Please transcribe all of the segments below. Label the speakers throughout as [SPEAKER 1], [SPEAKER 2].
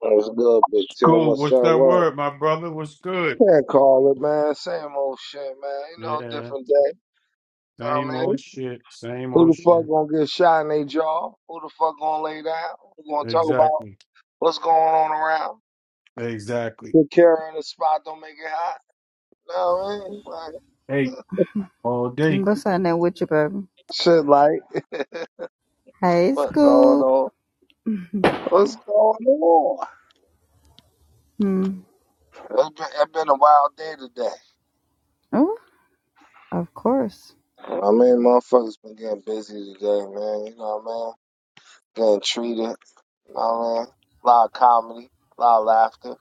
[SPEAKER 1] What's good, Big Tim?
[SPEAKER 2] Cool.
[SPEAKER 1] What's
[SPEAKER 2] What's
[SPEAKER 1] that
[SPEAKER 2] that
[SPEAKER 1] word?
[SPEAKER 2] word, my brother? What's good?
[SPEAKER 1] Can't call it, man. Same old shit, man. You know,
[SPEAKER 2] Yeah,
[SPEAKER 1] different day. Know what
[SPEAKER 2] same
[SPEAKER 1] I mean?
[SPEAKER 2] old shit. Same
[SPEAKER 1] Who the
[SPEAKER 2] old
[SPEAKER 1] fuck
[SPEAKER 2] shit.
[SPEAKER 1] gonna get shot in their jaw? Who the fuck gonna lay down? Who gonna talk about
[SPEAKER 2] Exactly.
[SPEAKER 1] what's going on around?
[SPEAKER 2] Exactly.
[SPEAKER 1] Who carrying the spot don't make it hot? Know what I mean? Like,
[SPEAKER 2] Hey, all day.
[SPEAKER 3] What's happening with you, baby?
[SPEAKER 1] shit like,
[SPEAKER 3] Hey,
[SPEAKER 1] what going
[SPEAKER 3] Scoop.
[SPEAKER 1] on? What's going on?
[SPEAKER 3] Hmm.
[SPEAKER 1] It's been, it's been a wild day today.
[SPEAKER 3] Oh, of course.
[SPEAKER 1] You know what I mean? Motherfuckers been getting busy today, man. You know what I mean? Getting treated. You know what I mean? A lot of comedy, a lot of laughter.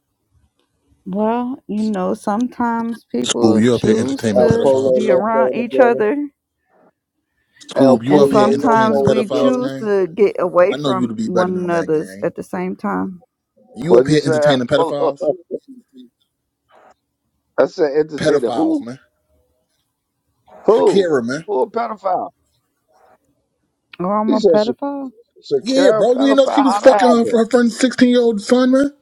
[SPEAKER 3] Well, you know, sometimes people
[SPEAKER 4] Scoob, you up here
[SPEAKER 3] choose
[SPEAKER 4] entertaining
[SPEAKER 1] El
[SPEAKER 3] to
[SPEAKER 4] pedophiles?
[SPEAKER 1] Polo
[SPEAKER 3] be
[SPEAKER 1] Loco
[SPEAKER 3] around
[SPEAKER 1] in the
[SPEAKER 3] each
[SPEAKER 1] building.
[SPEAKER 3] other,
[SPEAKER 1] El
[SPEAKER 4] Scoob, you
[SPEAKER 3] and
[SPEAKER 4] up
[SPEAKER 1] Pollo
[SPEAKER 4] here entertaining
[SPEAKER 3] sometimes
[SPEAKER 1] Loco in the
[SPEAKER 3] we
[SPEAKER 4] pedophiles,
[SPEAKER 1] building.
[SPEAKER 3] choose
[SPEAKER 4] gang?
[SPEAKER 3] to get away
[SPEAKER 4] I know you
[SPEAKER 3] from
[SPEAKER 4] to be
[SPEAKER 3] one
[SPEAKER 4] better than that,
[SPEAKER 3] another's
[SPEAKER 4] gang.
[SPEAKER 3] at the same time.
[SPEAKER 4] You
[SPEAKER 1] What'd
[SPEAKER 4] up
[SPEAKER 1] you
[SPEAKER 4] here
[SPEAKER 1] say? El
[SPEAKER 4] entertaining
[SPEAKER 1] pull
[SPEAKER 4] pedophiles?
[SPEAKER 1] I said entertainer.
[SPEAKER 4] Pedophiles,
[SPEAKER 1] Who?
[SPEAKER 4] man.
[SPEAKER 1] Who?
[SPEAKER 4] Shakira, man.
[SPEAKER 1] Who a pedophile?
[SPEAKER 3] Oh, I'm
[SPEAKER 1] He
[SPEAKER 3] a
[SPEAKER 1] said
[SPEAKER 3] pedophile?
[SPEAKER 1] Sha-
[SPEAKER 4] Yeah,
[SPEAKER 1] Shakira
[SPEAKER 4] bro. You didn't know she
[SPEAKER 1] pedophile.
[SPEAKER 4] was
[SPEAKER 1] How that
[SPEAKER 4] fucking her,
[SPEAKER 1] happen?
[SPEAKER 4] her friend's 16 year old son, man?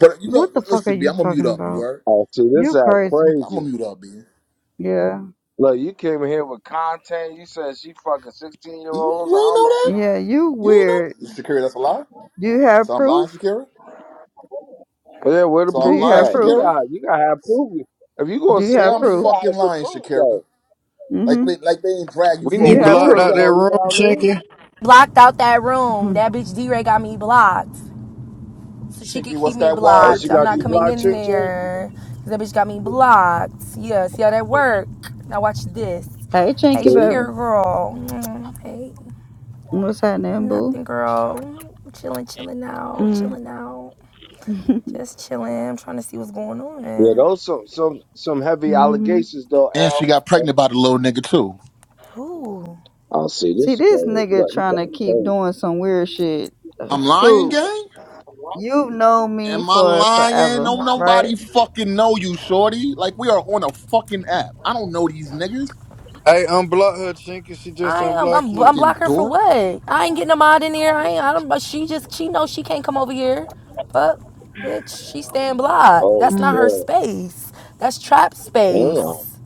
[SPEAKER 4] But you know,
[SPEAKER 3] What the fuck are
[SPEAKER 4] listen, B,
[SPEAKER 3] you
[SPEAKER 4] I'm gonna mute
[SPEAKER 3] talking
[SPEAKER 4] up, you
[SPEAKER 3] about?
[SPEAKER 4] heard?
[SPEAKER 1] Oh, see, this
[SPEAKER 3] You
[SPEAKER 1] app
[SPEAKER 3] crazy.
[SPEAKER 4] I'm gonna
[SPEAKER 1] crazy.
[SPEAKER 4] mute up, B. You,
[SPEAKER 3] Yeah.
[SPEAKER 1] Look, you came in here with content. You said she fucking sixteen year
[SPEAKER 4] you ain't
[SPEAKER 1] olds. I don't
[SPEAKER 4] know
[SPEAKER 1] know
[SPEAKER 4] that?
[SPEAKER 1] none of
[SPEAKER 3] Yeah, you
[SPEAKER 4] You ain't
[SPEAKER 3] weird.
[SPEAKER 4] know? that? Shakira, that's a lie?
[SPEAKER 3] Do you have
[SPEAKER 4] So I'm lying,
[SPEAKER 3] proof?
[SPEAKER 4] Shakira?
[SPEAKER 1] that. Yeah, where the
[SPEAKER 4] So
[SPEAKER 3] Do
[SPEAKER 4] I'm
[SPEAKER 3] you
[SPEAKER 1] proof
[SPEAKER 4] lying,
[SPEAKER 3] have
[SPEAKER 1] at? You
[SPEAKER 3] proof?
[SPEAKER 4] Shakira?
[SPEAKER 1] got, you gotta have proof. If you gonna
[SPEAKER 3] Do you
[SPEAKER 1] say
[SPEAKER 4] Say
[SPEAKER 3] have
[SPEAKER 4] I'm
[SPEAKER 1] that, you
[SPEAKER 3] proof?
[SPEAKER 1] gotta have
[SPEAKER 4] fucking
[SPEAKER 1] some
[SPEAKER 4] lying,
[SPEAKER 1] proof though.
[SPEAKER 4] Shakira. Like,
[SPEAKER 3] Mm-hmm.
[SPEAKER 4] they- like they ain't drag you
[SPEAKER 1] We
[SPEAKER 3] Do
[SPEAKER 4] for a
[SPEAKER 5] You
[SPEAKER 3] you
[SPEAKER 1] need
[SPEAKER 4] week
[SPEAKER 3] have
[SPEAKER 5] blocked
[SPEAKER 1] proof
[SPEAKER 4] straight,
[SPEAKER 3] proof?
[SPEAKER 5] out
[SPEAKER 4] man.
[SPEAKER 5] that
[SPEAKER 1] though, you know
[SPEAKER 5] room,
[SPEAKER 1] what I mean?
[SPEAKER 5] Chinky?
[SPEAKER 6] blocked out that room.
[SPEAKER 3] Mhm.
[SPEAKER 6] That bitch D-Ray got me blocked. So she could
[SPEAKER 4] Chinky,
[SPEAKER 6] keep
[SPEAKER 4] what's
[SPEAKER 6] me
[SPEAKER 4] that
[SPEAKER 1] Oh,
[SPEAKER 4] word,
[SPEAKER 1] she
[SPEAKER 6] blocked. I'm
[SPEAKER 1] got
[SPEAKER 6] not
[SPEAKER 1] you
[SPEAKER 4] Chinky?
[SPEAKER 6] coming
[SPEAKER 1] blocked,
[SPEAKER 6] in
[SPEAKER 1] Ching Ching?
[SPEAKER 6] there. 'cause that bitch got me blocked. Yeah, see how that work? Now watch this.
[SPEAKER 3] Hey,
[SPEAKER 6] Hey,
[SPEAKER 3] Chinky Baby.
[SPEAKER 1] See?
[SPEAKER 6] Shakira girl. Mm, Hey,
[SPEAKER 3] What's happening, boo?
[SPEAKER 6] nothing girl. Chilling, chilling out,
[SPEAKER 3] Mm.
[SPEAKER 6] chilling out. Just chilling. I'm trying to see what's going
[SPEAKER 1] Yeah,
[SPEAKER 6] on.
[SPEAKER 1] those some some some heavy
[SPEAKER 3] hmm
[SPEAKER 1] allegations though,
[SPEAKER 4] And she
[SPEAKER 1] Al.
[SPEAKER 4] got pregnant by the little nigga too.
[SPEAKER 6] Ooh.
[SPEAKER 1] I see
[SPEAKER 3] See,
[SPEAKER 1] this
[SPEAKER 3] this
[SPEAKER 1] crazy.
[SPEAKER 3] nigga
[SPEAKER 1] Look, he
[SPEAKER 3] trying to
[SPEAKER 1] got
[SPEAKER 3] keep
[SPEAKER 1] crazy.
[SPEAKER 3] doing some weird shit. Uh,
[SPEAKER 4] I'm lying,
[SPEAKER 3] Scoop,
[SPEAKER 4] gang?
[SPEAKER 3] you've known me
[SPEAKER 4] Am I
[SPEAKER 3] for
[SPEAKER 4] lying?
[SPEAKER 3] forever,
[SPEAKER 4] No,
[SPEAKER 3] right?
[SPEAKER 4] nobody fucking know you, shorty. Like we are on a fucking app. I don't know these niggas.
[SPEAKER 5] Hey, unblock her, Chinky. She just
[SPEAKER 6] I am.
[SPEAKER 5] unblocked
[SPEAKER 6] I'm. I'm
[SPEAKER 5] you.
[SPEAKER 4] Fucking
[SPEAKER 6] block her for
[SPEAKER 4] dork.
[SPEAKER 6] what? I ain't getting a mod in here. I ain't. I don't. But she just. She knows she can't come over here. Fuck, bitch. She staying blocked.
[SPEAKER 1] Oh
[SPEAKER 6] That's
[SPEAKER 1] shit.
[SPEAKER 6] not her space. That's trap
[SPEAKER 1] Damn.
[SPEAKER 6] space.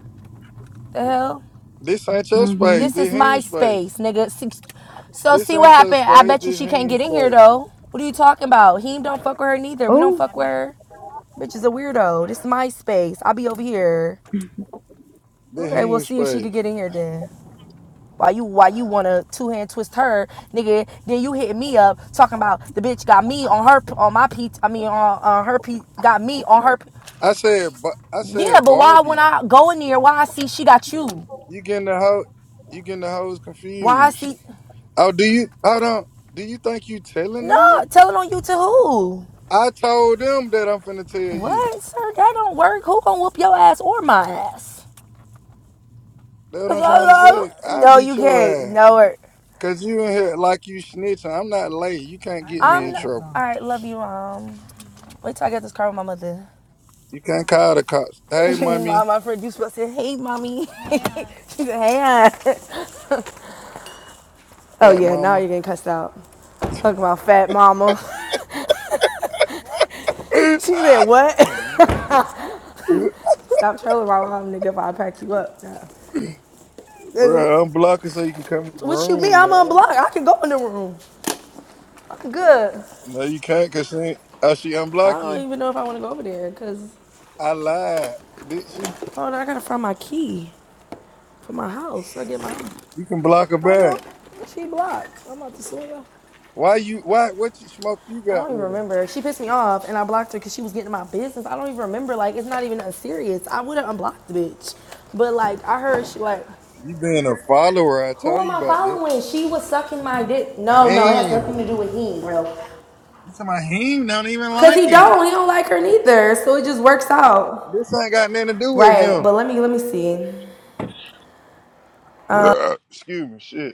[SPEAKER 6] The hell.
[SPEAKER 5] This ain't your space.
[SPEAKER 3] Mm-hmm.
[SPEAKER 6] This is
[SPEAKER 5] This
[SPEAKER 6] my
[SPEAKER 5] him space.
[SPEAKER 6] space, nigga. See- So
[SPEAKER 5] This
[SPEAKER 6] see what
[SPEAKER 5] ain't your
[SPEAKER 6] happened. I
[SPEAKER 5] space.
[SPEAKER 6] bet you
[SPEAKER 5] This
[SPEAKER 6] she can't
[SPEAKER 5] him
[SPEAKER 6] get in here
[SPEAKER 5] space.
[SPEAKER 6] though. What are you talking about? He don't fuck with her neither. We
[SPEAKER 3] Oh.
[SPEAKER 6] don't fuck with her. Bitch is a weirdo. This is my space. I'll be over here.
[SPEAKER 5] This
[SPEAKER 6] Okay, we'll
[SPEAKER 5] him
[SPEAKER 6] see if she could
[SPEAKER 5] space.
[SPEAKER 6] get in here then. Why you why you wanna two hand twist her, nigga? Then you hit me up talking about the bitch got me on her on my p I mean on, on her p got me on her.
[SPEAKER 5] I said, Ba- I
[SPEAKER 6] Yeah,
[SPEAKER 5] said
[SPEAKER 6] but why when
[SPEAKER 5] Barbie.
[SPEAKER 6] I go in there, why I see she got you?
[SPEAKER 5] You getting the hoe? You getting the hoes
[SPEAKER 6] Why I see
[SPEAKER 5] confused? Oh, do you? Hold on. Do you think you telling
[SPEAKER 6] no
[SPEAKER 5] on me?
[SPEAKER 6] telling on you to who?
[SPEAKER 5] I told them that I'm finna tell you.
[SPEAKER 6] What sir? That don't work. Who gonna whoop your ass or my ass?
[SPEAKER 5] That's what I'm trying to say. I
[SPEAKER 6] No,
[SPEAKER 5] beat
[SPEAKER 6] you
[SPEAKER 5] your
[SPEAKER 6] can't.
[SPEAKER 5] ass.
[SPEAKER 6] No, work.
[SPEAKER 5] Cause you in here like you snitching. I'm not late. You can't get me
[SPEAKER 6] I'm
[SPEAKER 5] in
[SPEAKER 6] not,
[SPEAKER 5] trouble.
[SPEAKER 6] all right. Love you. Um, wait till I get this car with my mother.
[SPEAKER 5] You can't call the cops. Hey,
[SPEAKER 6] my,
[SPEAKER 5] mommy,
[SPEAKER 6] my friend, you supposed to say, hey, mommy. she said, hey, hon. Oh
[SPEAKER 5] fat
[SPEAKER 6] yeah, now
[SPEAKER 5] mama.
[SPEAKER 6] you're getting cussed out. Talking about fat mama. she said what? Stop trolling my mom, nigga. If I pack you up. Yeah.
[SPEAKER 5] Bro, I'm blocking so you can come in the
[SPEAKER 6] What you mean?
[SPEAKER 5] room,
[SPEAKER 6] I'm
[SPEAKER 5] guy.
[SPEAKER 6] unblocked. I can go in the room. I'm good.
[SPEAKER 5] No, you can't, cause she ain't. Oh, she
[SPEAKER 6] I
[SPEAKER 5] unblock you?
[SPEAKER 6] don't even know if I want to go over there because
[SPEAKER 5] I lied, did she?
[SPEAKER 6] oh, I gotta find my key for my house. I get my.
[SPEAKER 5] You can block her
[SPEAKER 6] I know.
[SPEAKER 5] back.
[SPEAKER 6] She blocked. I'm about to sue her.
[SPEAKER 5] Why you? Why? What you, smoke you
[SPEAKER 6] I
[SPEAKER 5] got
[SPEAKER 6] don't even
[SPEAKER 5] with her?
[SPEAKER 6] remember. She pissed me off and I blocked her because she was getting in my business. I don't even remember. Like, it's not even that serious. I would have unblocked the bitch. But, like, I heard she, like,
[SPEAKER 5] You being a follower? I
[SPEAKER 6] Who
[SPEAKER 5] told
[SPEAKER 6] am
[SPEAKER 5] you
[SPEAKER 6] I
[SPEAKER 5] about that.
[SPEAKER 6] following? She was sucking my dick. No, no, it has
[SPEAKER 5] Damn,
[SPEAKER 6] nothing to do with him, bro.
[SPEAKER 5] this is my him. Don't even
[SPEAKER 6] Cause
[SPEAKER 5] like
[SPEAKER 6] he
[SPEAKER 5] her.
[SPEAKER 6] don't, he don't like her neither. So it just works out.
[SPEAKER 5] This ain't got nothing to do with
[SPEAKER 6] Right, but
[SPEAKER 5] him.
[SPEAKER 6] let me let me see.
[SPEAKER 5] Excuse me, shit.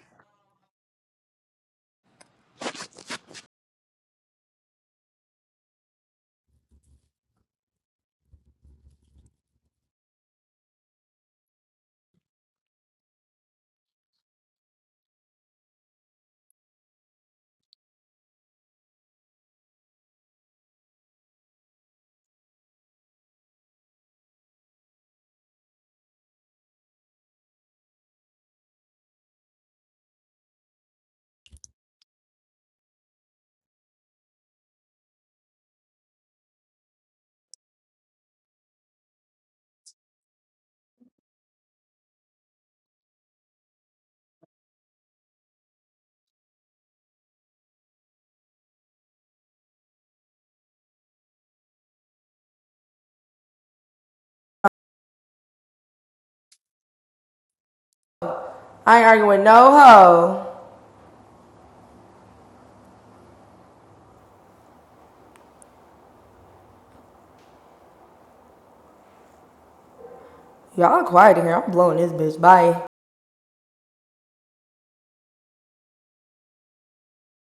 [SPEAKER 6] I ain't arguing no hoe. Y'all quiet in here. I'm blowing this bitch. Bye.